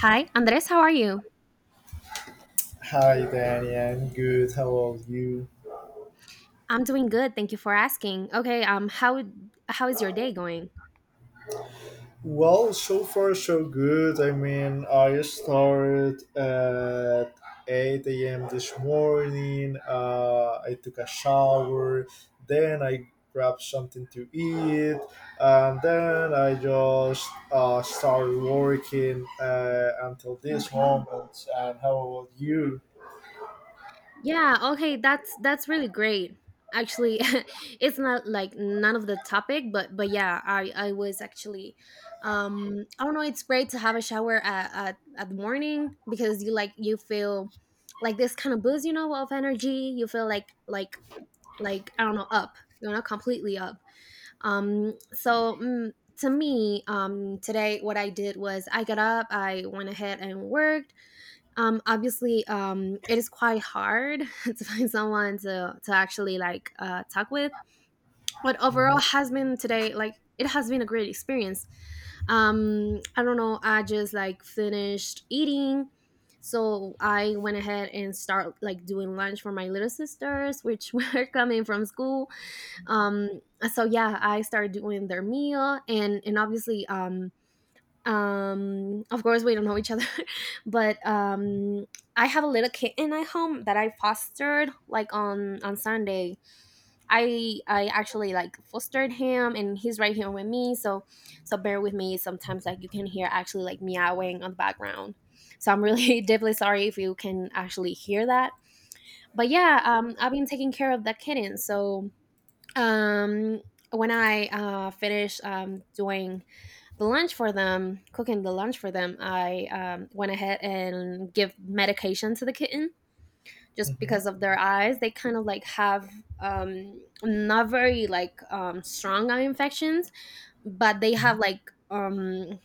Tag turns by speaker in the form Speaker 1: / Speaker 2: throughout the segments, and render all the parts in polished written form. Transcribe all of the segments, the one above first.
Speaker 1: Hi, Andres, how are you?
Speaker 2: Hi, Danny. I'm good. How about you?
Speaker 1: I'm doing good. Thank you for asking. Okay, how is your day going?
Speaker 2: Well, so far so good. I mean, I started at 8 a.m. this morning. I took a shower. Then I grabbed something to eat. And then I just started working until this
Speaker 1: Okay.
Speaker 2: moment. And how about you?
Speaker 1: Yeah, okay, that's really great. Actually, it's not like none of the topic, but yeah, I was actually I don't know, it's great to have a shower at the morning because you like you feel like this kind of boost, you know, of energy. You feel like I don't know, up. You know, completely up. Um, so mm, to me, today what I did was I got up, I went ahead and worked. Obviously, it is quite hard to find someone to actually like talk with, but overall
Speaker 2: Hmm.
Speaker 1: has been today like it has been a great experience. I don't know, I just like finished eating. So I went ahead and start like doing lunch for my little sisters, which were coming from school. um so yeah, I started doing their meal and obviously, of course we don't know each other. but I have a little kitten at home that I fostered like on Sunday. I actually like fostered him and he's right here with me, so so bear with me sometimes like you can hear actually like meowing on the background. So I'm really deeply sorry if you can actually hear that. But yeah, I've been taking care of that kitten. So um when I finished doing the lunch for them, cooking the lunch for them, I went ahead and give medication to the kitten just
Speaker 2: Hmm.
Speaker 1: because of their eyes. They kind of like have not very like strong eye infections, but they have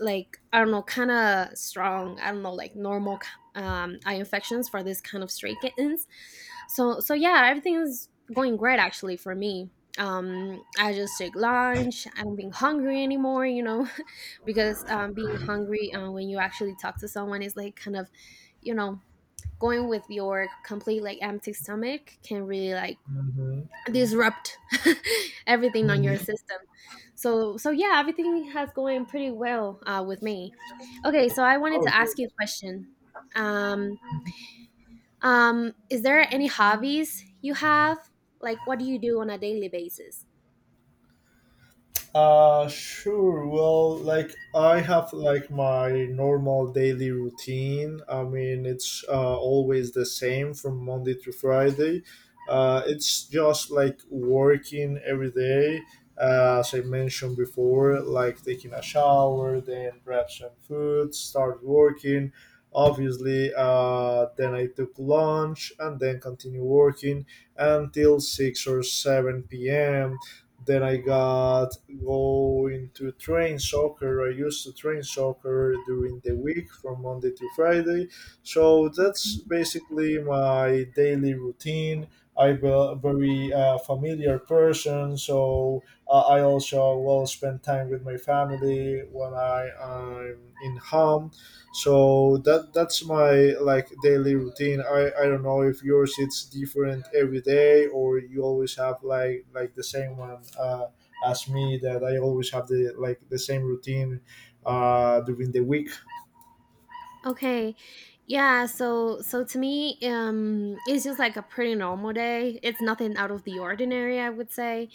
Speaker 1: like I don't know, kind of strong. I don't know, like normal eye infections for this kind of stray kittens. So so yeah, everything's going great actually for me. I just take lunch. I don't being hungry anymore, because being hungry when you actually talk to someone is like kind of, you know, going with your complete like empty stomach can really like disrupt everything on your
Speaker 2: Hmm.
Speaker 1: system. So so yeah, everything has going pretty well with me. Okay, so I wanted to
Speaker 2: Hmm.
Speaker 1: ask you a question. Um, is there any hobbies you have? Like, what do you do on a daily basis?
Speaker 2: Sure. Well, like I have like my normal daily routine. I mean, it's always the same from Monday to Friday. It's just like working every day, as I mentioned before, like taking a shower, then grab some food, start working. Obviously, then I took lunch and then continue working until 6 or 7 p.m. Then I got going to train soccer. I used to train soccer during the week from Monday to Friday. So that's basically my daily routine. I'm a very familiar person, so I also will spend time with my family when I am in home. So that's my like daily routine. I don't know if yours it's different every day or you always have like the same one as me that I always have the the same routine during the week.
Speaker 1: Okay. Yeah, so so to me, it's just like a pretty normal day. It's nothing out of the ordinary, I would say.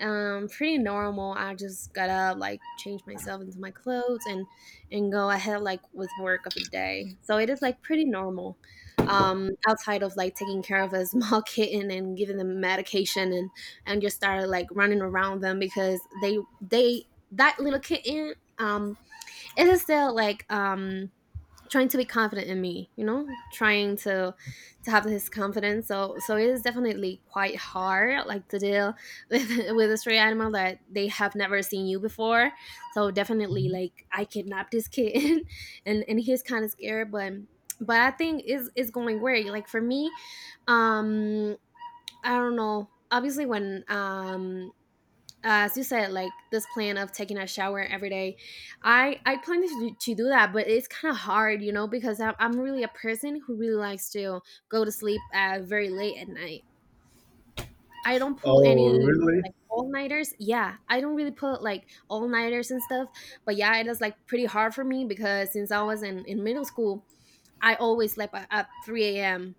Speaker 1: Pretty normal. I just got up, like change myself into my clothes and go ahead like with work of the day. So it is like pretty normal. Outside of like taking care of a small kitten and giving them medication and just started like running around them because they that little kitten, it is still like trying to be confident in me, you know, trying to have this confidence. So so it is definitely quite hard like to deal with with a stray animal that they have never seen you before. So definitely like I kidnapped this kid and he's kind of scared, but I think is going great like for me. um I don't know, obviously when as you said, like this plan of taking a shower every day, I plan to, to do that, but it's kind of hard, you know, because I'm really a person who really likes to go to sleep very late at night. I don't pull
Speaker 2: Oh,
Speaker 1: any
Speaker 2: really?
Speaker 1: like all-nighters. Yeah, I don't really pull like all-nighters and stuff. But yeah, it is like pretty hard for me because since I was in middle school, I always slept at 3 a.m.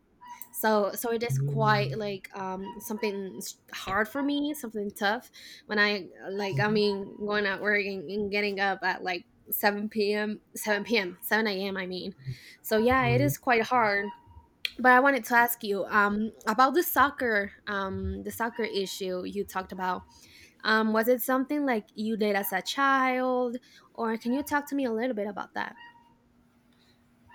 Speaker 1: So so it is
Speaker 2: Mm-hmm.
Speaker 1: quite like something hard for me, something tough. When I like I mean going out work and getting up at like 7 p.m 7 p.m 7 a.m, I mean. So yeah, it is quite hard. But I wanted to ask you about the soccer, the soccer issue you talked about. Was it something like you did as a child, or can you talk to me a little bit about that?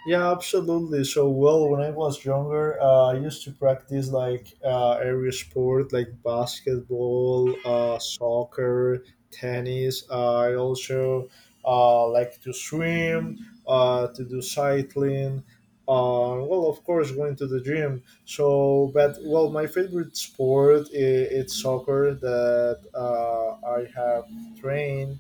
Speaker 2: Yeah, absolutely. So, well, when I was younger, I used to practice like every sport, like basketball, soccer, tennis. I also like to swim, to do cycling. Well, of course, going to the gym. So, but well, my favorite sport is it's soccer that I have trained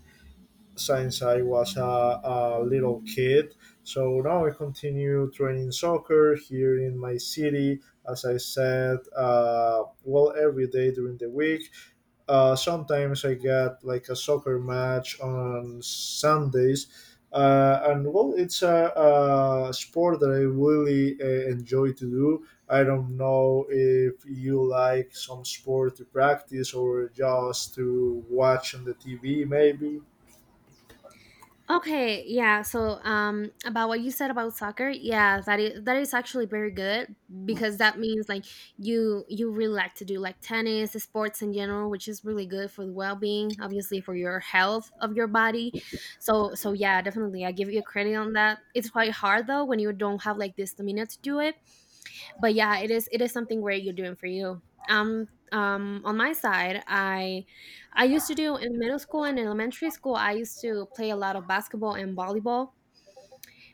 Speaker 2: since I was a little kid. So now I continue training soccer here in my city. As I said, well, every day during the week. Sometimes I get like a soccer match on Sundays. And well, it's a sport that I really enjoy to do. I don't know if you like some sport to practice or just to watch on the TV, maybe.
Speaker 1: Okay, yeah. So, about what you said about soccer, yeah, that is actually very good, because that means like you really like to do like tennis, sports in general, which is really good for the well being, obviously for your health of your body. So, so yeah, definitely, I give you credit on that. It's quite hard though when you don't have like the stamina to do it, but yeah it is something where you're doing for you. On my side, I used to do in middle school and elementary school, I used to play a lot of basketball and volleyball.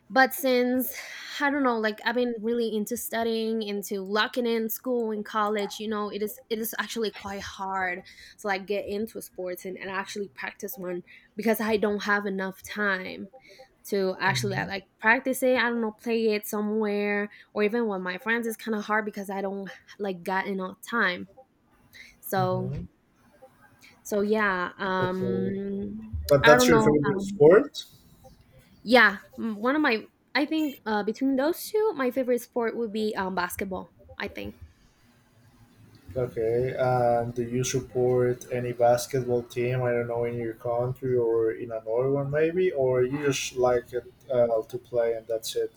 Speaker 1: But since I don't know, like I've been really into studying, into locking in school and college, you know, it is actually quite hard to like get into sports and actually practice one because I don't have enough time to actually like practice it. I don't know, play it somewhere or even with my friends. It's kind of hard because I don't like got enough time. So
Speaker 2: Mm-hmm.
Speaker 1: so yeah,
Speaker 2: Okay. But
Speaker 1: I
Speaker 2: that's
Speaker 1: don't
Speaker 2: your
Speaker 1: know.
Speaker 2: favorite sport?
Speaker 1: Yeah, one of my, I think between those two, my favorite sport would be basketball. I think.
Speaker 2: Okay. Do you support any basketball team? I don't know, in your country or in another one, maybe? Or you just like it to play and that's it?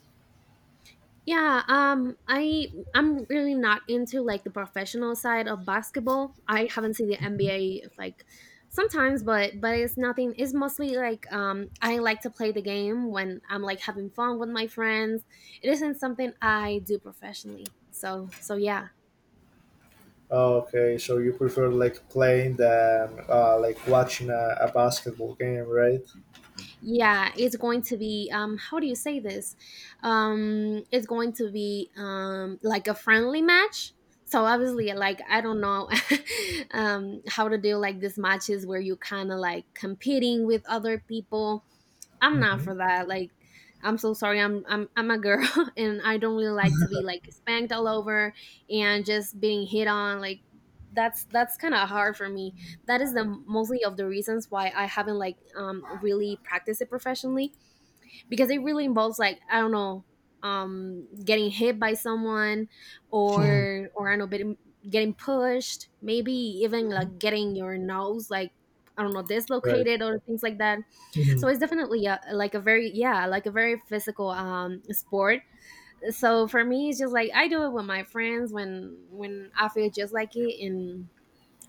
Speaker 1: Yeah, I I'm really not into like the professional side of basketball. I haven't seen the NBA like sometimes, but it's nothing. It's mostly like I like to play the game when I'm like having fun with my friends. It isn't something I do professionally. So so yeah.
Speaker 2: Oh, okay. So you prefer like playing than like watching a basketball game, right?
Speaker 1: Yeah, it's going to be how do you say this, it's going to be like a friendly match. So obviously like I don't know, how to do like these matches where you kind of like competing with other people, I'm not
Speaker 2: Mm-hmm.
Speaker 1: for that. Like, I'm so sorry. I'm a girl, and I don't really like to be like spanked all over and just being hit on. Like, that's kind of hard for me. That is the mostly of the reasons why I haven't like really practiced it professionally, because it really involves like I don't know, getting hit by someone, or I don't know, getting getting pushed, maybe even like getting your nose like, I don't know,
Speaker 2: Right.
Speaker 1: dislocated or things like that. So it's definitely a, like a very, yeah, like a very physical sport. So for me, it's just like I do it with my friends when I feel just like it. and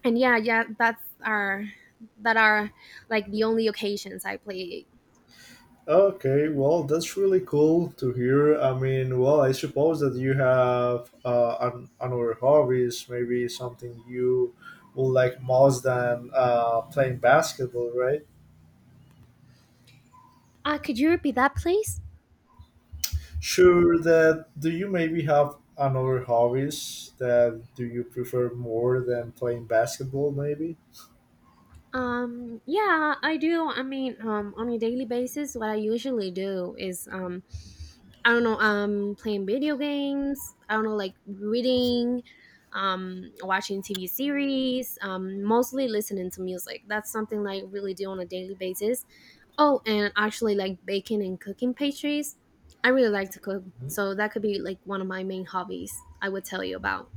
Speaker 1: and yeah, yeah, that are like the only occasions I play it.
Speaker 2: Okay, well, that's really cool to hear. I mean, well, I suppose that you have another hobbies, maybe something you would like most than playing basketball, right?
Speaker 1: Could you repeat that, please?
Speaker 2: Sure. That do you maybe have another hobbies that do you prefer more than playing basketball, maybe?
Speaker 1: Yeah, I do. I mean, on a daily basis, what I usually do is I don't know, playing video games. I don't know, like reading, watching TV series, mostly listening to music. That's something I really do on a daily basis. Oh, and actually, like baking and cooking pastries. I really like to cook,
Speaker 2: Mhm.
Speaker 1: so that could be like one of my main hobbies. I would tell you about.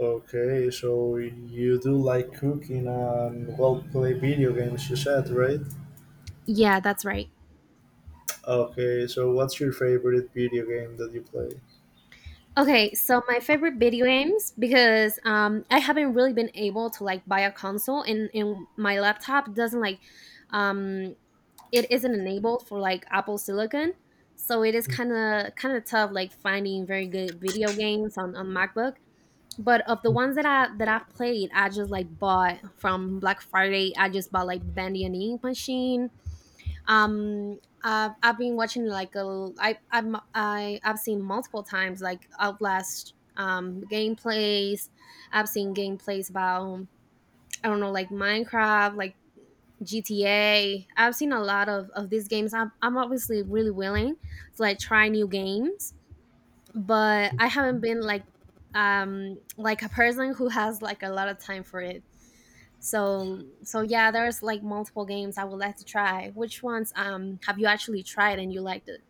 Speaker 2: Okay, so you do like cooking and well, play video games. You said, right?
Speaker 1: Yeah, that's right.
Speaker 2: Okay, so what's your favorite video game that you play?
Speaker 1: Okay, so my favorite video games, because I haven't really been able to like buy a console, and my laptop doesn't like um, it isn't enabled for like Apple Silicon, so it is kind of tough like finding very good video games on MacBook. But of the ones that I that I've played, I just like bought from Black Friday. I just bought like Bandy and Ink Machine, um I've been watching like a I I'm I I've seen multiple times like Outlast gameplays. I've seen gameplays about, I don't know, like Minecraft, like GTA. I've seen a lot of these games. I'm obviously really willing to like try new games, but I haven't been like a person who has like a lot of time for it. So so yeah, there's like multiple games I would like to try. Which ones have you actually tried and you liked it?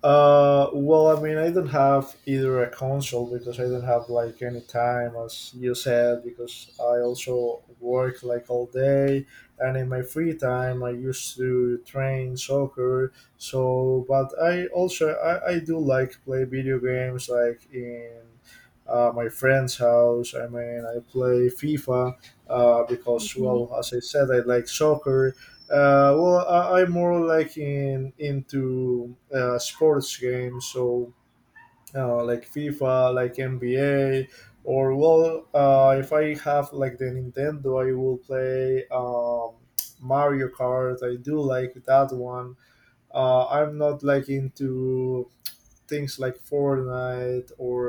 Speaker 2: Well, I mean, I don't have either a console because I don't have like any time, as you said, because I also work like all day, and in my free time, I used to train soccer. So, but I also I do like play video games like in my friend's house. I mean, I play FIFA because,
Speaker 1: Okay.
Speaker 2: well, as I said, I like soccer. Well, I'm more like in into sports games, so like FIFA, like NBA, or well, if I have like the Nintendo, I will play Mario Kart. I do like that one. I'm not like into things like Fortnite or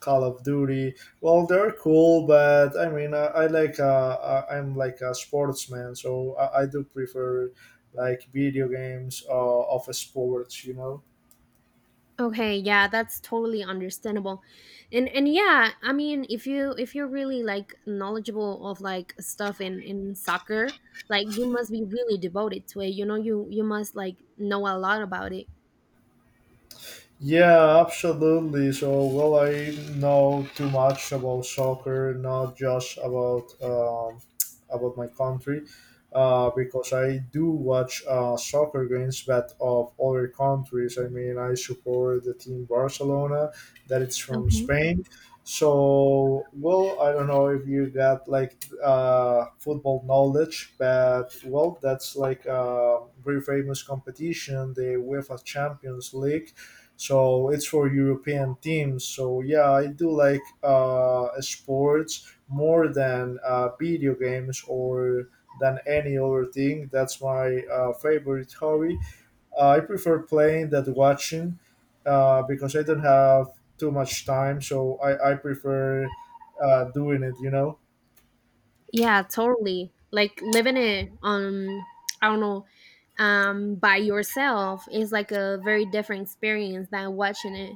Speaker 2: Call of Duty. Well, they're cool, but I mean, I like I'm like a sportsman, so I do prefer like video games of sports. You know.
Speaker 1: Okay, yeah, that's totally understandable. And yeah, I mean, if you if you're really like knowledgeable of like stuff in soccer, like you must be really devoted to it. You know, you must like know a lot about it.
Speaker 2: Yeah, absolutely. So, well, I know too much about soccer, not just about my country, because I do watch soccer games, but of other countries. I mean, I support the team Barcelona, that it's from
Speaker 1: Okay.
Speaker 2: Spain. So, well, I don't know if you got like football knowledge, but well, that's like a very famous competition, the UEFA Champions League. So it's for European teams. So yeah, I do like sports more than video games or than any other thing. That's my favorite hobby. I prefer playing than watching because I don't have too much time. So I prefer doing it. You know.
Speaker 1: Yeah, totally. Like living it on, I don't know, by yourself is like a very different experience than watching it.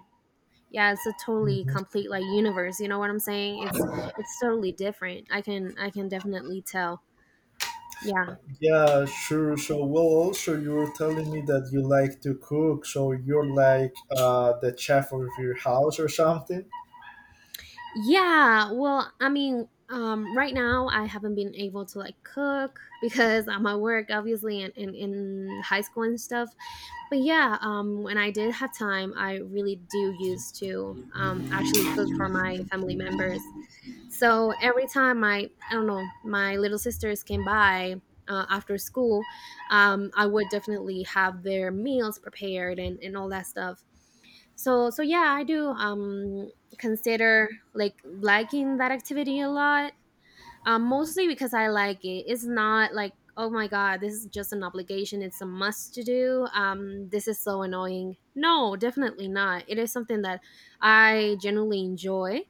Speaker 1: Yeah, it's a totally
Speaker 2: Mhm.
Speaker 1: complete like universe. You know what I'm saying? It's totally different. I can definitely tell. Yeah.
Speaker 2: Yeah, sure. So, well, also you were telling me that you like to cook, so you're like the chef of your house or something.
Speaker 1: Yeah, well, I mean, right now I haven't been able to like cook because I'm at work, obviously, and in high school and stuff. But yeah, when I did have time, I really do used to actually cook for my family members. So every time my, I don't know, my little sisters came by after school, I would definitely have their meals prepared and all that stuff. So yeah, I do consider like liking that activity a lot. Mostly because I like it, it's not like, oh my god, this is just an obligation, it's a must to do, this is so annoying. No, definitely not. It is something that I genuinely enjoy.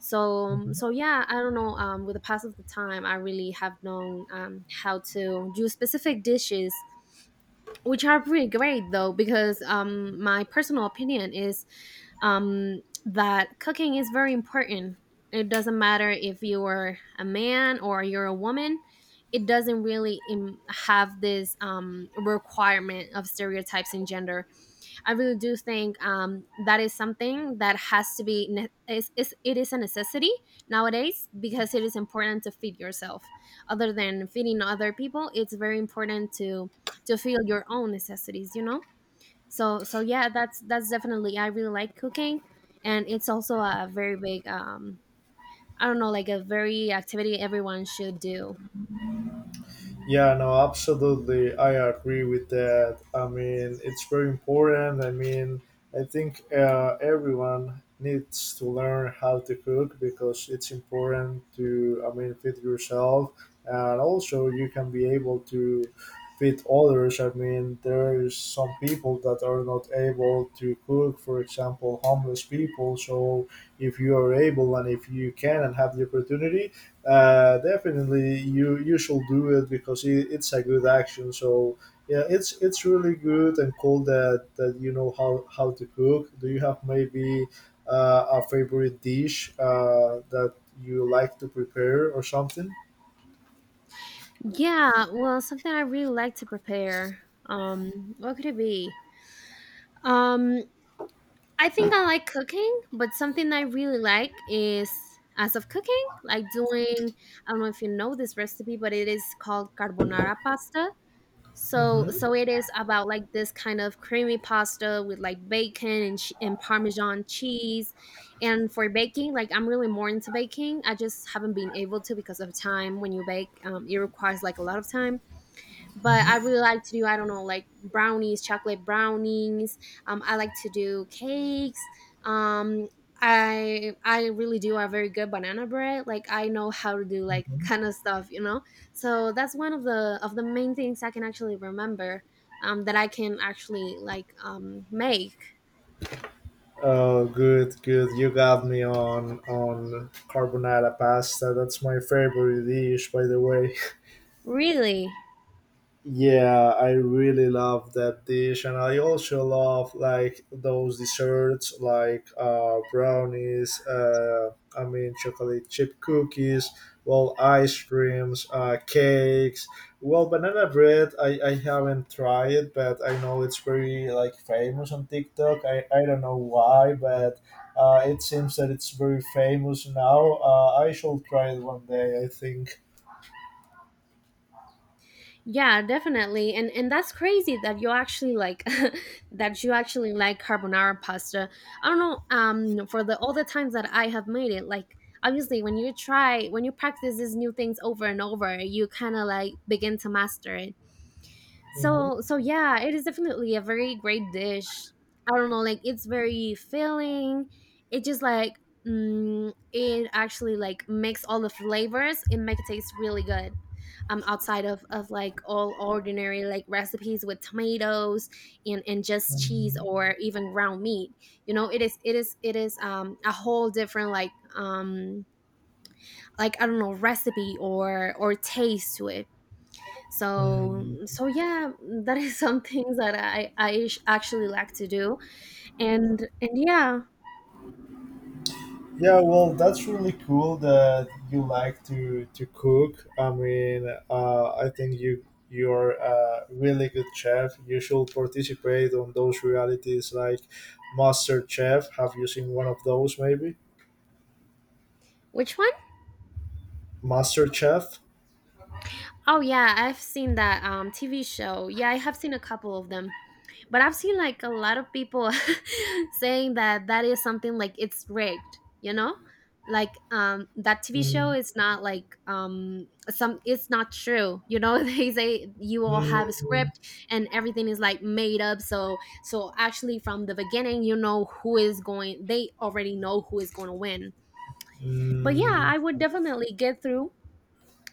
Speaker 1: so um,
Speaker 2: Mhm.
Speaker 1: so yeah, I don't know, with the pass of the time I really have known, how to do specific dishes, which are pretty great though because my personal opinion is that cooking is very important. It doesn't matter if you're a man or you're a woman. It doesn't really have this requirement of stereotypes in gender. I really do think, that is something that has to be ne- is it is a necessity nowadays because it is important to feed yourself. Other than feeding other people, it's very important to feel your own necessities. You know, so yeah, that's definitely I really like cooking, and it's also a very big, I don't know, like a very activity everyone should do.
Speaker 2: Yeah, no, absolutely. I agree with that. I mean, it's very important. I mean, I think everyone needs to learn how to cook because it's important to, I mean, feed yourself and also you can be able to feed others. I mean, there's some people that are not able to cook, for example, homeless people. So if you are able and if you can and have the opportunity, definitely, you should do it because it's a good action. So yeah, it's really good and cool that you know how to cook. Do you have maybe a favorite dish that you like to prepare or something?
Speaker 1: Yeah, well, something I really like to prepare. What could it be? Um, I think I like cooking, but something I really like is as of cooking, like doing, I don't know if you know this recipe, but it is called carbonara pasta. So
Speaker 2: Hmm.
Speaker 1: so it is about like this kind of creamy pasta with like bacon and parmesan cheese. And for baking, like I'm really more into baking. I just haven't been able to because of time. When you bake, it requires like a lot of time, but I really like to do, I don't know, like brownies, chocolate brownies. I like to do cakes. Um, I really do a very good banana bread. Like I know how to do like
Speaker 2: Hmm.
Speaker 1: kind of stuff, you know. So that's one of the main things I can actually remember, that I can actually like make.
Speaker 2: Oh, good, good. You got me on carbonara pasta. That's my favorite dish, by the way.
Speaker 1: Really?
Speaker 2: Yeah, I really love that dish, and I also love like those desserts, like brownies. I mean, chocolate chip cookies, well, ice creams, cakes. Well, banana bread. I haven't tried it, but I know it's very like famous on TikTok. I don't know why, but it seems that it's very famous now. I shall try it one day. I think.
Speaker 1: Yeah, definitely. And that's crazy that you actually like that you actually like carbonara pasta. I don't know, for the all the times that I have made it, like obviously when you try when you practice these new things over and over, you kind of like begin to master it.
Speaker 2: Mhm.
Speaker 1: So yeah, it is definitely a very great dish. I don't know, like it's very filling. It just like, it actually like makes all the flavors and make it taste really good. Outside of like all ordinary like recipes with tomatoes and just cheese or even ground meat, you know, it is a whole different like, um like I don't know, recipe or taste to it. so
Speaker 2: Mhm.
Speaker 1: so yeah, that is some things that I actually like to do, and yeah.
Speaker 2: Yeah, well, that's really cool that you like to cook. I mean, I think you're a really good chef. You should participate on those realities like Master Chef. Have you seen one of those? Maybe
Speaker 1: Which one?
Speaker 2: Master Chef.
Speaker 1: Oh yeah, I've seen that TV show. Yeah, I have seen a couple of them. But I've seen like a lot of people saying that that is something like it's rigged, you know? Like, that TV show
Speaker 2: Mm.
Speaker 1: is not like some it's not true. You know, they say you all have a
Speaker 2: Mm.
Speaker 1: script and everything is like made up. So actually from the beginning, you know who is going, they already know who is going to win. But yeah,
Speaker 2: Mm.
Speaker 1: I would definitely get through,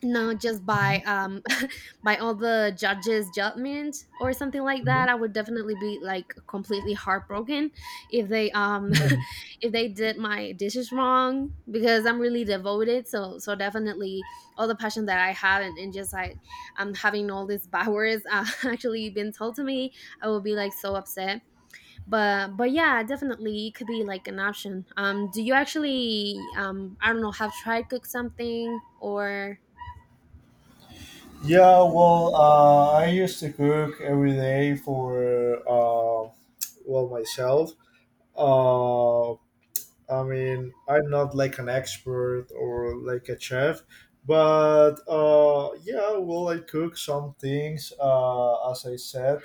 Speaker 1: no, just by by all the judges' judgment or something like
Speaker 2: Mhm.
Speaker 1: that. I would definitely be like completely heartbroken if they
Speaker 2: Mhm.
Speaker 1: if they did my dishes wrong because I'm really devoted. So definitely all the passion that I have and just like having all these bad words actually been told to me, I will be like so upset. But yeah, definitely it could be like an option. Do you actually, I don't know, have tried cook something or?
Speaker 2: Yeah, well, I used to cook every day for uh, well myself. Uh, I mean, I'm not like an expert or like a chef, but yeah, well, I cook some things. As I said,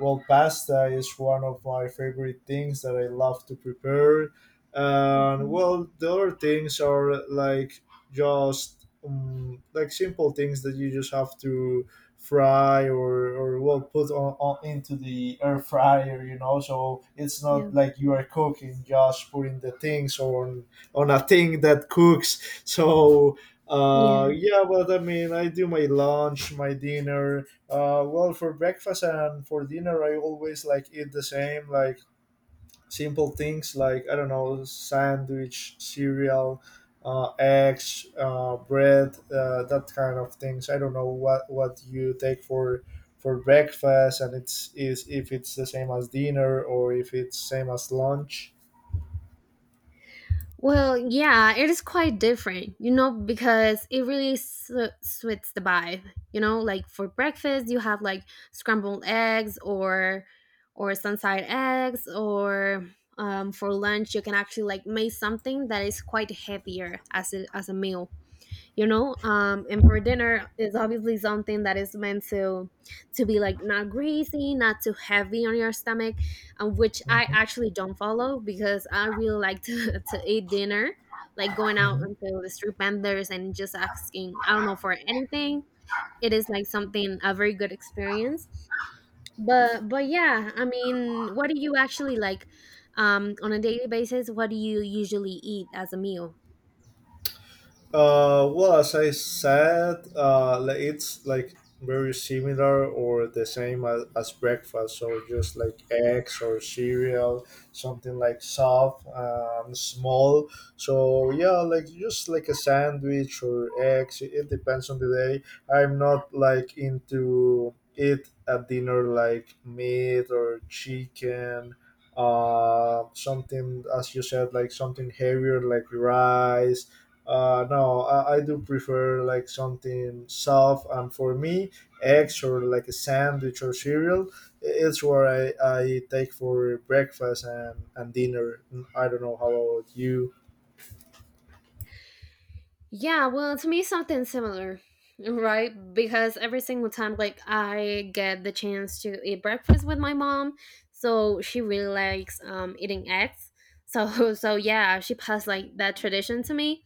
Speaker 2: well, pasta is one of my favorite things that I love to prepare, and well, the other things are like just like simple things that you just have to fry or well put on into the air fryer, you know. So it's
Speaker 1: Yeah.
Speaker 2: not like you are cooking, just putting the things on a thing that cooks. So
Speaker 1: Yeah.
Speaker 2: yeah, but I mean, I do my lunch, my dinner. Well, for breakfast and for dinner, I always like eat the same, like simple things, like I don't know, sandwich, cereal, eggs, bread, that kind of things. I don't know what you take for breakfast, and it's is if it's the same as dinner or if it's same as lunch.
Speaker 1: Well, yeah, it is quite different, you know, because it really suits the vibe. You know, like for breakfast, you have like scrambled eggs, or sunside eggs, or, for lunch, you can actually like make something that is quite heavier as a meal. You know, and for dinner is obviously something that is meant to be like not greasy, not too heavy on your stomach, which I
Speaker 2: Mhm.
Speaker 1: actually don't follow because I really like to, to eat dinner, like going out
Speaker 2: Mhm.
Speaker 1: into the street vendors and just asking, I don't know, for anything. It is like something a very good experience. But yeah, I mean, what do you actually like, on a daily basis, what do you usually eat as a meal?
Speaker 2: Well, as I said, It's like very similar or the same as breakfast. So just like eggs or cereal, something like soft and small. So yeah, like just like a sandwich or eggs. It depends on the day. I'm not like into eat at dinner like meat or chicken. Something as you said, like something heavier like rice. No, I do prefer like something soft, and for me, eggs or like a sandwich or cereal, it's what I take for breakfast and dinner. Mm, I don't know how about you.
Speaker 1: Yeah, well, to me, something similar, right? Because every single time, like, I get the chance to eat breakfast with my mom, so she really likes eating eggs. So, so yeah, she passed like that tradition to me.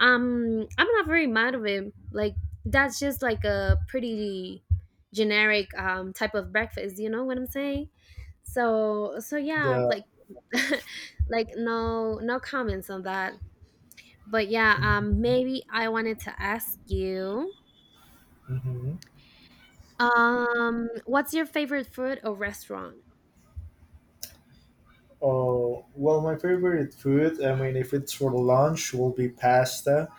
Speaker 1: I'm not very mad of it. Like, that's just like a pretty generic type of breakfast. You know what I'm saying? So yeah,
Speaker 2: Yeah.
Speaker 1: like, like, no, no comments on that. But yeah,
Speaker 2: Mm-hmm.
Speaker 1: maybe I wanted to ask you,
Speaker 2: Mm-hmm.
Speaker 1: what's your favorite food or restaurant?
Speaker 2: Oh, well, my favorite food, I mean, if it's for lunch, will be pasta.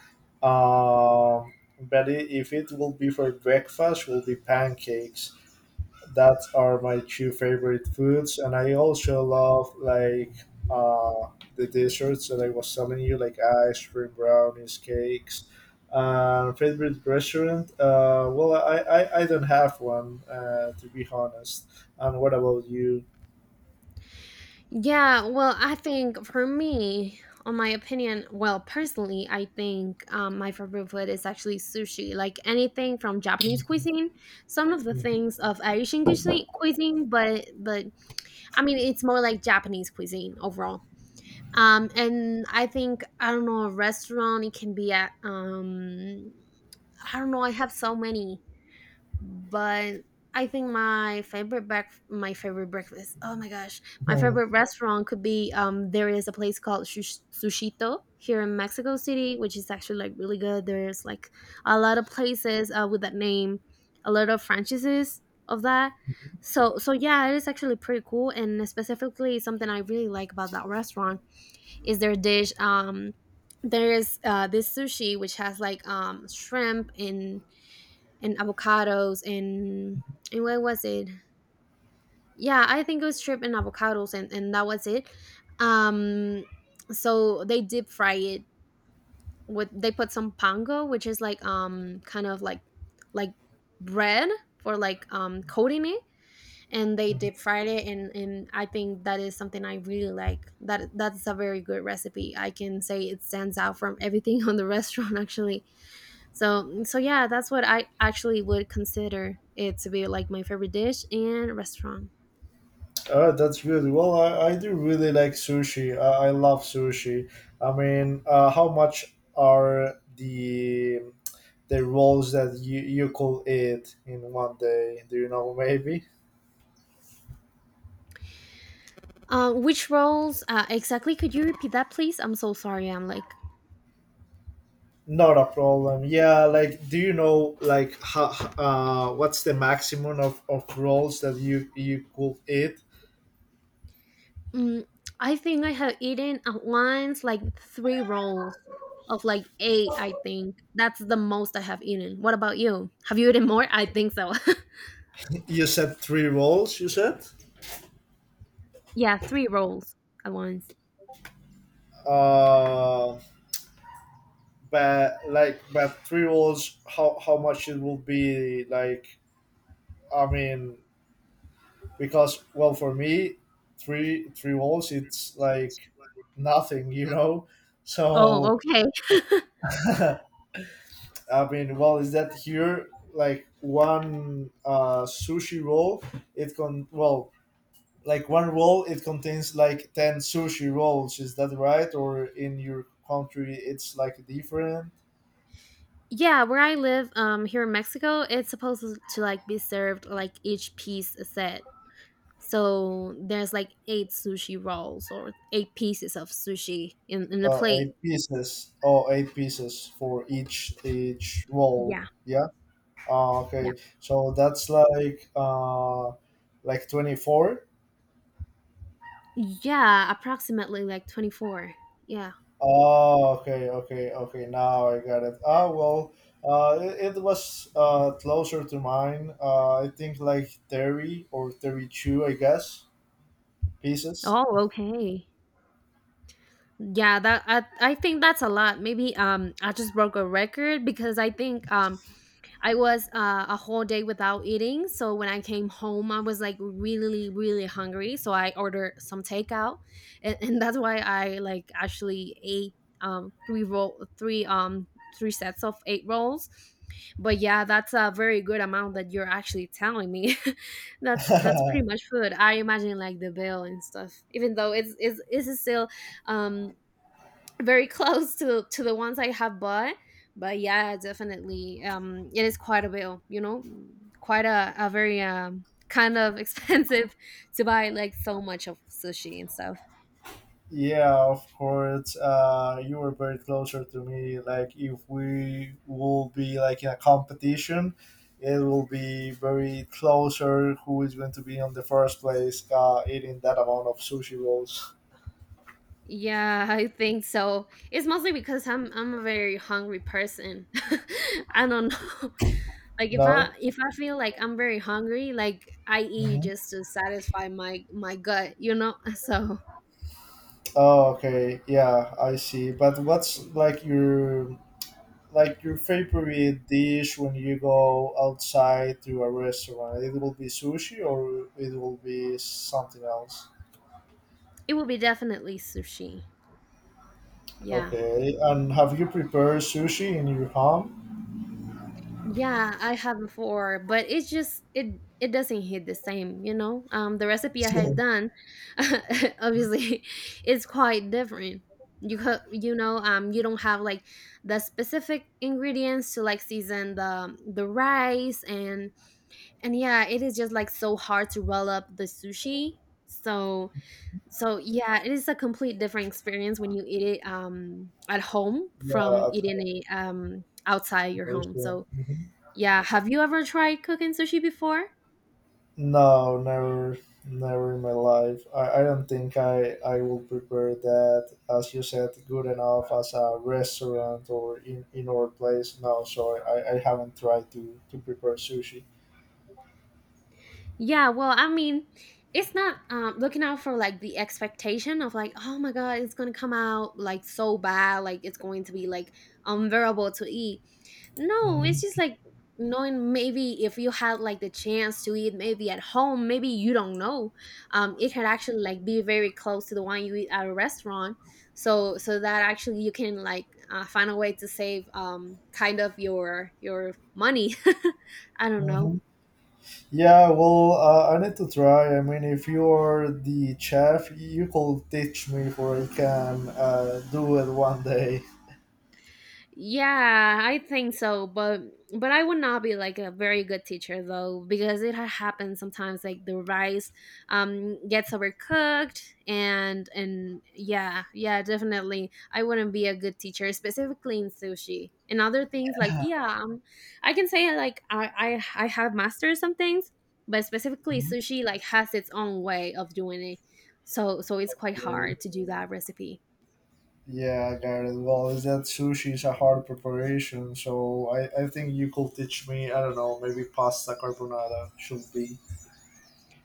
Speaker 2: Um, but if it will be for breakfast, will be pancakes. That are my two favorite foods, and I also love like uh the desserts that I was telling you, like ice cream, brownies, cakes. Favorite restaurant, well, I don't have one to be honest. And what about you?
Speaker 1: Yeah, well, I think for me, on my opinion, well, personally, I think my favorite food is actually sushi, like anything from Japanese cuisine, some of the things of Asian cuisine, but I mean, it's more like Japanese cuisine overall. And I think I don't know a restaurant. It can be at, I don't know. I have so many, but I think my favorite breakfast. Oh my gosh, my favorite restaurant could be, there is a place called Sushito here in Mexico City, which is actually like really good. There's like a lot of places, with that name, a lot of franchises of that. So yeah, it is actually pretty cool. And specifically, something I really like about that restaurant is their dish. There is, this sushi which has like shrimp and avocados and what was it? Yeah, I think it was shrimp and avocados and that was it. Um, so they deep fry it with, they put some pango, which is like kind of like bread for like coating it, and they deep fried it, and I think that is something I really like. That's a very good recipe. I can say it stands out from everything on the restaurant actually. So yeah, that's what I actually would consider it to be like my favorite dish and restaurant.
Speaker 2: Oh, that's good. Well, I do really like sushi. I love sushi. I mean, how much are the rolls that you could eat in one day? Do you know maybe?
Speaker 1: Which roles, exactly? Could you repeat that, please? I'm so sorry. I'm like,
Speaker 2: Not a problem. Yeah, like do you know like how, what's the maximum of rolls that you could eat?
Speaker 1: mm, I think I have eaten at once like three rolls of like eight. I think that's the most I have eaten. What about you? Have you eaten more? I think so.
Speaker 2: You said three rolls. You said.
Speaker 1: Yeah, three rolls at once.
Speaker 2: Uh, but like but three rolls, how much it will be like I mean, because well, for me, three walls, it's like nothing, you know.
Speaker 1: Oh,
Speaker 2: So
Speaker 1: okay.
Speaker 2: I mean, well, is that here like one sushi roll? It con Well, like one roll, it contains like 10 sushi rolls. Is that right? Or in your country, it's like different.
Speaker 1: Yeah, where I live, here in Mexico, it's supposed to like be served like each piece set. So there's like eight sushi rolls or eight pieces of sushi in a plate.
Speaker 2: Eight pieces. Oh, eight pieces for each roll.
Speaker 1: Yeah,
Speaker 2: Yeah.
Speaker 1: yeah.
Speaker 2: Okay, so that's like 24.
Speaker 1: Yeah, approximately like 24. Yeah.
Speaker 2: Oh, okay, okay, okay. Now I got it. Ah, well, it was closer to mine. I think like 30 or 32, I guess, pieces.
Speaker 1: Oh, okay. Yeah, that I think that's a lot. Maybe I just broke a record because I think I was, a whole day without eating. So when I came home, I was like really, really hungry. So I ordered some takeout, and that's why I like actually ate, um, three roll, three um, three sets of eight rolls. But yeah, that's a very good amount that you're actually telling me. That's pretty much food. I imagine like the bill and stuff. Even though it's still, um very close to the ones I have bought. But yeah, definitely, it is quite a bill. You know, quite a very, kind of expensive to buy like so much of sushi and stuff.
Speaker 2: Yeah, of course. You were very closer to me. Like, if we will be like in a competition, it will be very closer who is going to be on the first place eating that amount of sushi rolls.
Speaker 1: Yeah, I think so. It's mostly because I'm a very hungry person. I don't know. Like if I
Speaker 2: No.
Speaker 1: feel like I'm very hungry, like I eat
Speaker 2: Hmm.
Speaker 1: just to satisfy my gut, you know? So
Speaker 2: Oh, okay. Yeah, I see. But what's like your favorite dish when you go outside to a restaurant? It will be sushi, or it will be something else.
Speaker 1: it will be definitely sushi. Yeah.
Speaker 2: Okay, and have you prepared sushi in your home?
Speaker 1: Yeah, I have before, but it's just it it doesn't hit the same, you know? The recipe I had done obviously is quite different. You co- you know, You don't have like the specific ingredients to like season the rice and yeah, it is just like so hard to roll up the sushi. So So yeah, it is a complete different experience when you eat it at home
Speaker 2: Yeah,
Speaker 1: from
Speaker 2: at
Speaker 1: eating
Speaker 2: home
Speaker 1: it outside your home.
Speaker 2: also.
Speaker 1: So
Speaker 2: Mhm.
Speaker 1: yeah, have you ever tried cooking sushi before?
Speaker 2: No, never, never in my life. I don't think I will prepare that, as you said, good enough as a restaurant or in indoor place. No, so I haven't tried to prepare sushi.
Speaker 1: Yeah, well, I mean, it's not looking out for like the expectation of like, oh my god, it's gonna come out like so bad, like it's going to be like unbearable to eat. No, it's
Speaker 2: Mhm.
Speaker 1: just like knowing maybe if you had like the chance to eat maybe at home, maybe you don't know, it could actually like be very close to the one you eat at a restaurant. So that actually you can like find a way to save kind of your money. I don't know.
Speaker 2: Mhm. Yeah, well, I need to try. I mean, if you are the chef, you could teach me for I can do it one day.
Speaker 1: Yeah, I think so, but I would not be like a very good teacher though because it happens sometimes like the rice gets overcooked and yeah, yeah, definitely I wouldn't be a good teacher specifically in sushi. And other things like yeah, I can say like I have mastered some things, but specifically sushi like has its own way of doing it. So it's quite
Speaker 2: Right.
Speaker 1: hard to do that recipe.
Speaker 2: Yeah, I got it. Well, is that sushi is a hard preparation, so I think you could teach me, I don't know, maybe pasta carbonara should be.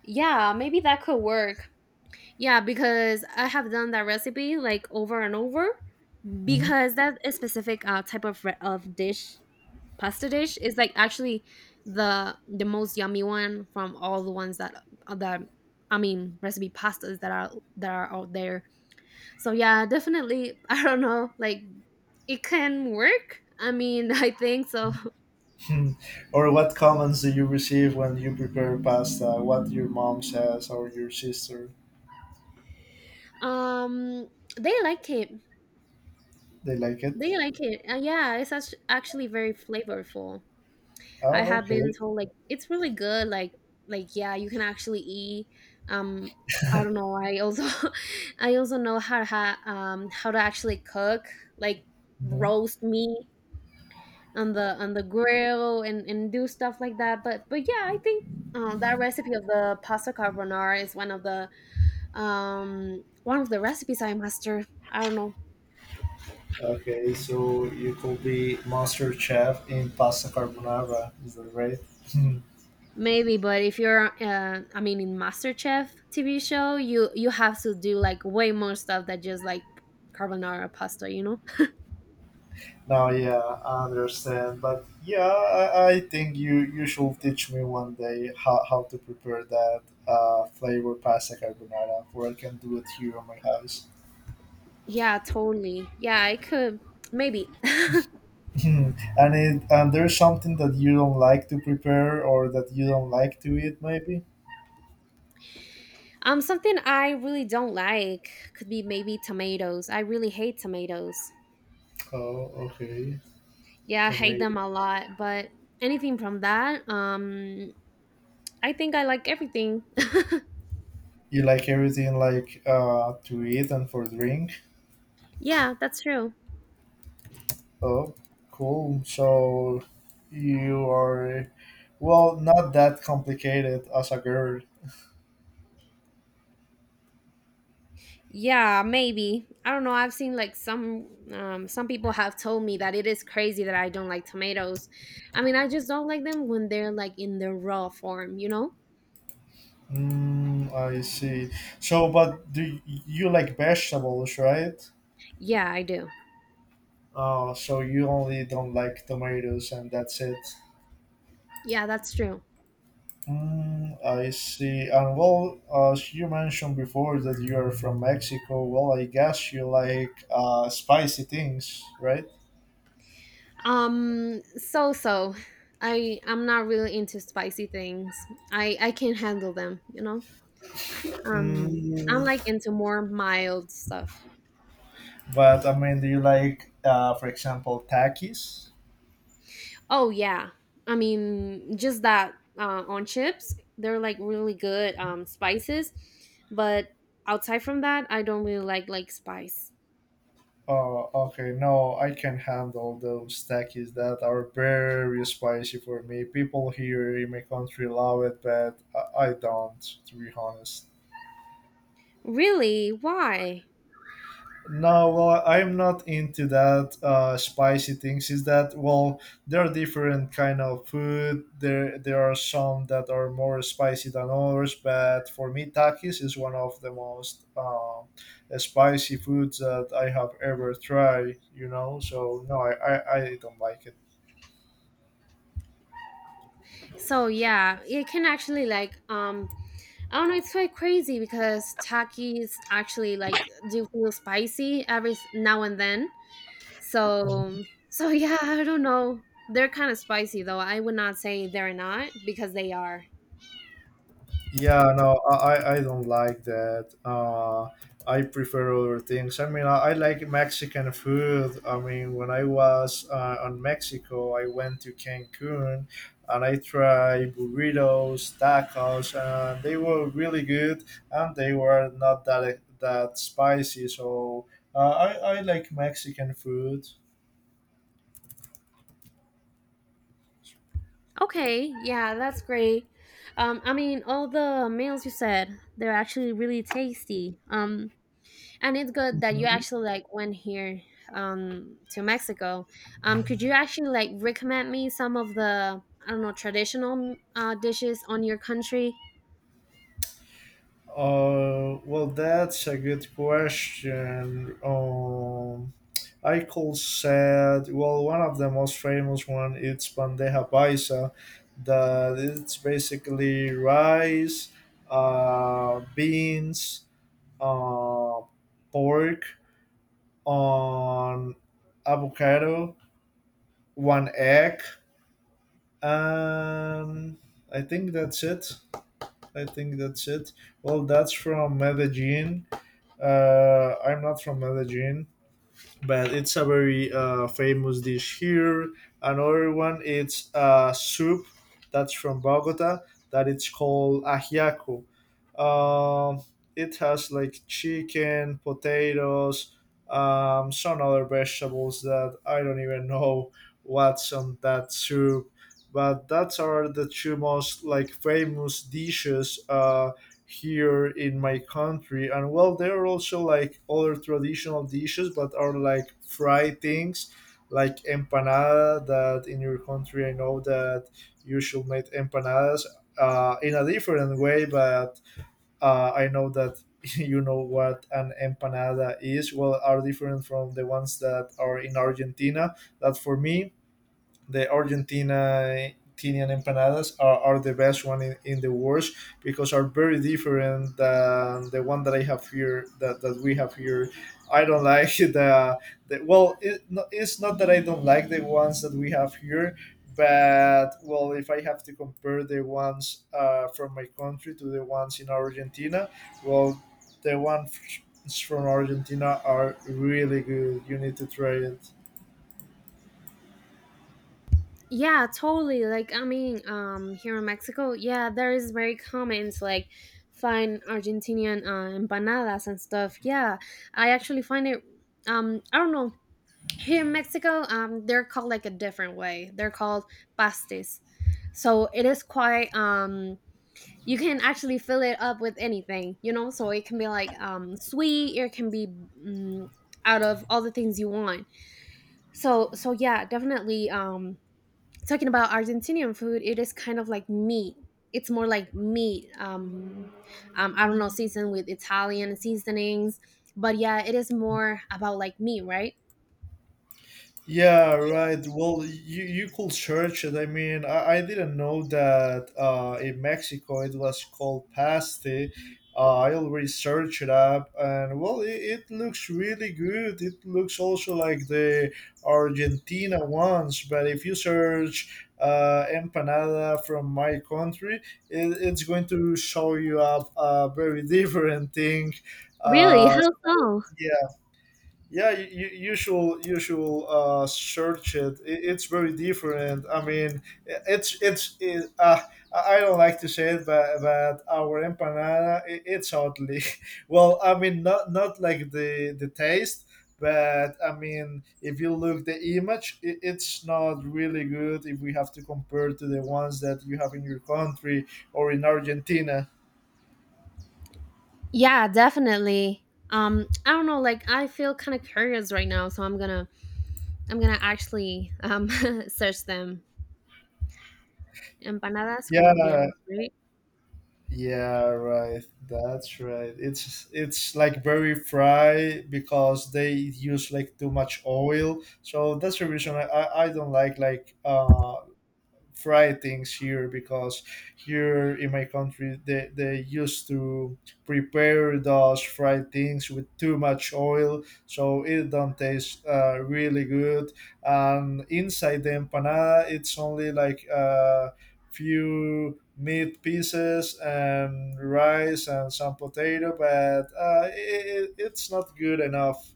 Speaker 1: Yeah, maybe that could work. Yeah, because I have done that recipe like over and over because that is specific type of of dish, pasta dish is like actually the most yummy one from all the ones that uh, that I mean recipe pastas that are out there. So yeah, definitely I don't know like it can work. I mean, I think so.
Speaker 2: Mhm. Or what comments do you receive when you prepare pasta? What your mom says or your sister?
Speaker 1: Um they like it.
Speaker 2: They like it?
Speaker 1: They like it. Yeah, it's actually very flavorful. I
Speaker 2: Oh,
Speaker 1: have been
Speaker 2: okay.
Speaker 1: told like it's really good. Like yeah, you can actually eat. Um, I don't know. I also I also know how to how to actually cook like
Speaker 2: Mhm.
Speaker 1: roast meat on the grill and do stuff like that. But yeah, I think. That recipe of the pasta carbonara is one of the recipes I master. I don't know.
Speaker 2: Okay, so you could be master chef in pasta carbonara, is that right?
Speaker 1: Maybe, but if you're, I mean, in MasterChef TV show, you have to do like way more stuff than just like carbonara pasta, you know?
Speaker 2: No, yeah, I understand, but yeah, I think you should teach me one day how to prepare that flavor pasta carbonara, for I can do it here on my house.
Speaker 1: Yeah, totally. Yeah, I could maybe.
Speaker 2: And it and there's something that you don't like to prepare or that you don't like to eat, maybe.
Speaker 1: Something I really don't like could be maybe tomatoes. I really hate tomatoes.
Speaker 2: Oh, okay.
Speaker 1: Yeah, I
Speaker 2: So
Speaker 1: hate
Speaker 2: maybe
Speaker 1: them a lot. But anything from that, I think I like everything.
Speaker 2: you like everything like to eat and for drink.
Speaker 1: Yeah, that's true.
Speaker 2: Oh, cool. So you are well, not that complicated as a girl.
Speaker 1: Yeah, maybe. I don't know. I've seen like some people have told me that it is crazy that I don't like tomatoes. I mean, I just don't like them when they're like in their raw form, you know?
Speaker 2: Mm, I see. So, but do you like vegetables, right?
Speaker 1: Yeah, I do.
Speaker 2: So you only don't like tomatoes, and that's it.
Speaker 1: Yeah, that's true.
Speaker 2: Mm, I see. And well, as you mentioned before that you are from Mexico, well, I guess you like spicy things, right?
Speaker 1: So I'm not really into spicy things. I can handle them, you know? I'm
Speaker 2: Mm,
Speaker 1: like into more mild stuff.
Speaker 2: but I mean, do you like, for example, takis?
Speaker 1: Oh yeah, I mean just that on chips, they're like really good spices, but outside from that, I don't really like spice.
Speaker 2: Oh, okay. No, I can handle those takis that are very spicy for me. People here in my country love it, but I don't, to be honest.
Speaker 1: Really, why?
Speaker 2: No, well, I'm not into that spicy things. Is that well? There are different kind of food. There are some that are more spicy than others. But for me, takis is one of the most spicy foods that I have ever tried. You know, so no, I don't like it.
Speaker 1: So yeah, it can actually like I don't know. It's quite crazy because Takis actually like do feel spicy every now and then. So so yeah, I don't know. They're kind of spicy though. I would not say they're not because they are.
Speaker 2: Yeah, no, I don't like that. I prefer other things. I mean, I like Mexican food. I mean, when I was on Mexico, I went to Cancun and I tried burritos, tacos, and they were really good and they were not that spicy. So uh, I, I like Mexican food.
Speaker 1: Okay, yeah, that's great. I mean, all the meals you said, they're actually really tasty. And it's good that you
Speaker 2: Mhm.
Speaker 1: actually like went here to Mexico. Could you actually like recommend me some of the I don't know traditional dishes on your country?
Speaker 2: Well, that's a good question. Eichel said, well, one of the most famous one is bandeja paisa, that it's basically rice, beans, uh, pork on avocado, one egg, and I think that's it. I think that's it. Well, that's from Medellin. I'm not from Medellin, but it's a very famous dish here. Another one, it's a soup that's from Bogota that it's called ajiaco. Um, it has like chicken, potatoes, some other vegetables that I don't even know what's on that soup. But that's are the two most like famous dishes here in my country. And well, there are also like other traditional dishes but are like fried things like empanada, that in your country I know that you should make empanadas in a different way. But I know that you know what an empanada is. Well, are different from the ones that are in Argentina, that for me the Argentina Argentinian empanadas are the best one in the world because are very different than the one that I have here, that we have here. I don't like the well it, no, it's not that I don't like the ones that we have here. But well, if I have to compare the ones from my country to the ones in Argentina, well, the ones from Argentina are really good. You need to try it.
Speaker 1: Yeah, totally. Like I mean, here in Mexico, yeah, there is very common to like find Argentinian empanadas and stuff. Yeah, I actually find it. I don't know. Here in Mexico, they're called like a different way. They're called pastes. So it is quite you can actually fill it up with anything, you know? So it can be like sweet, it can be out of all the things you want. So yeah, definitely talking about Argentinian food, it is kind of like meat. It's more like meat. I don't know, seasoned with Italian seasonings, but yeah, it is more about like meat, right?
Speaker 2: Yeah, right. Well, you could search it. I mean, I didn't know that in Mexico it was called pasty. I already searched it up, and well, it looks really good. It looks also like the Argentina ones, but if you search empanada from my country, it, it's going to show you up a very different thing.
Speaker 1: Really?
Speaker 2: Uh,
Speaker 1: How so?
Speaker 2: yeah, yeah you should you should search it. It it's very different. I mean it's it, I don't like to say it but our empanada I it's oddly well I mean not not like the taste but I mean if you look the image it, it's not really good if we have to compare to the ones that you have in your country or in Argentina.
Speaker 1: Yeah, definitely. I don't know, like I feel kind of curious right now, so I'm gonna actually search them. Empanadas
Speaker 2: Yeah.
Speaker 1: colombianas, right?
Speaker 2: Yeah, right. That's right. It's like very fry because they use like too much oil. So that's the reason I don't like fry things here, because here in my country they used to prepare those fried things with too much oil so it don't taste really good. And inside the empanada it's only like a few meat pieces and rice and some potato. But it, it- it's not good enough,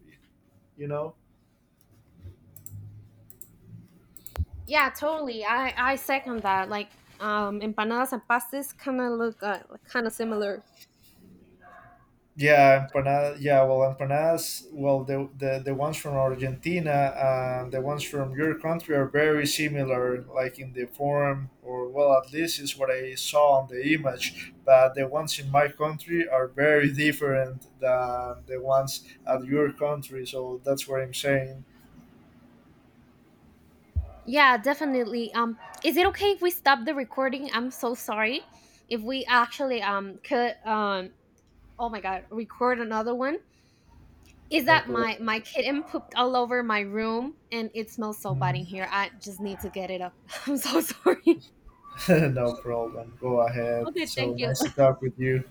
Speaker 2: you know.
Speaker 1: Yeah, totally. I second that. Like empanadas and pastas kind of look kind of similar.
Speaker 2: Yeah, empanada. Yeah, well, empanadas. Well, the ones from Argentina and the ones from your country are very similar, like in the form, or well, at least is what I saw on the image. But the ones in my country are very different than the ones at your country. So that's what I'm saying.
Speaker 1: Yeah, definitely. Is it okay if we stop the recording? I'm so sorry. If we actually could oh my god, record another one. Is
Speaker 2: No
Speaker 1: that
Speaker 2: problem.
Speaker 1: my kitten pooped all over my room and it smells so bad in here. I just need to get it up. I'm so sorry.
Speaker 2: No problem. Go ahead.
Speaker 1: Okay,
Speaker 2: So
Speaker 1: thank
Speaker 2: nice
Speaker 1: you.
Speaker 2: to talk with you.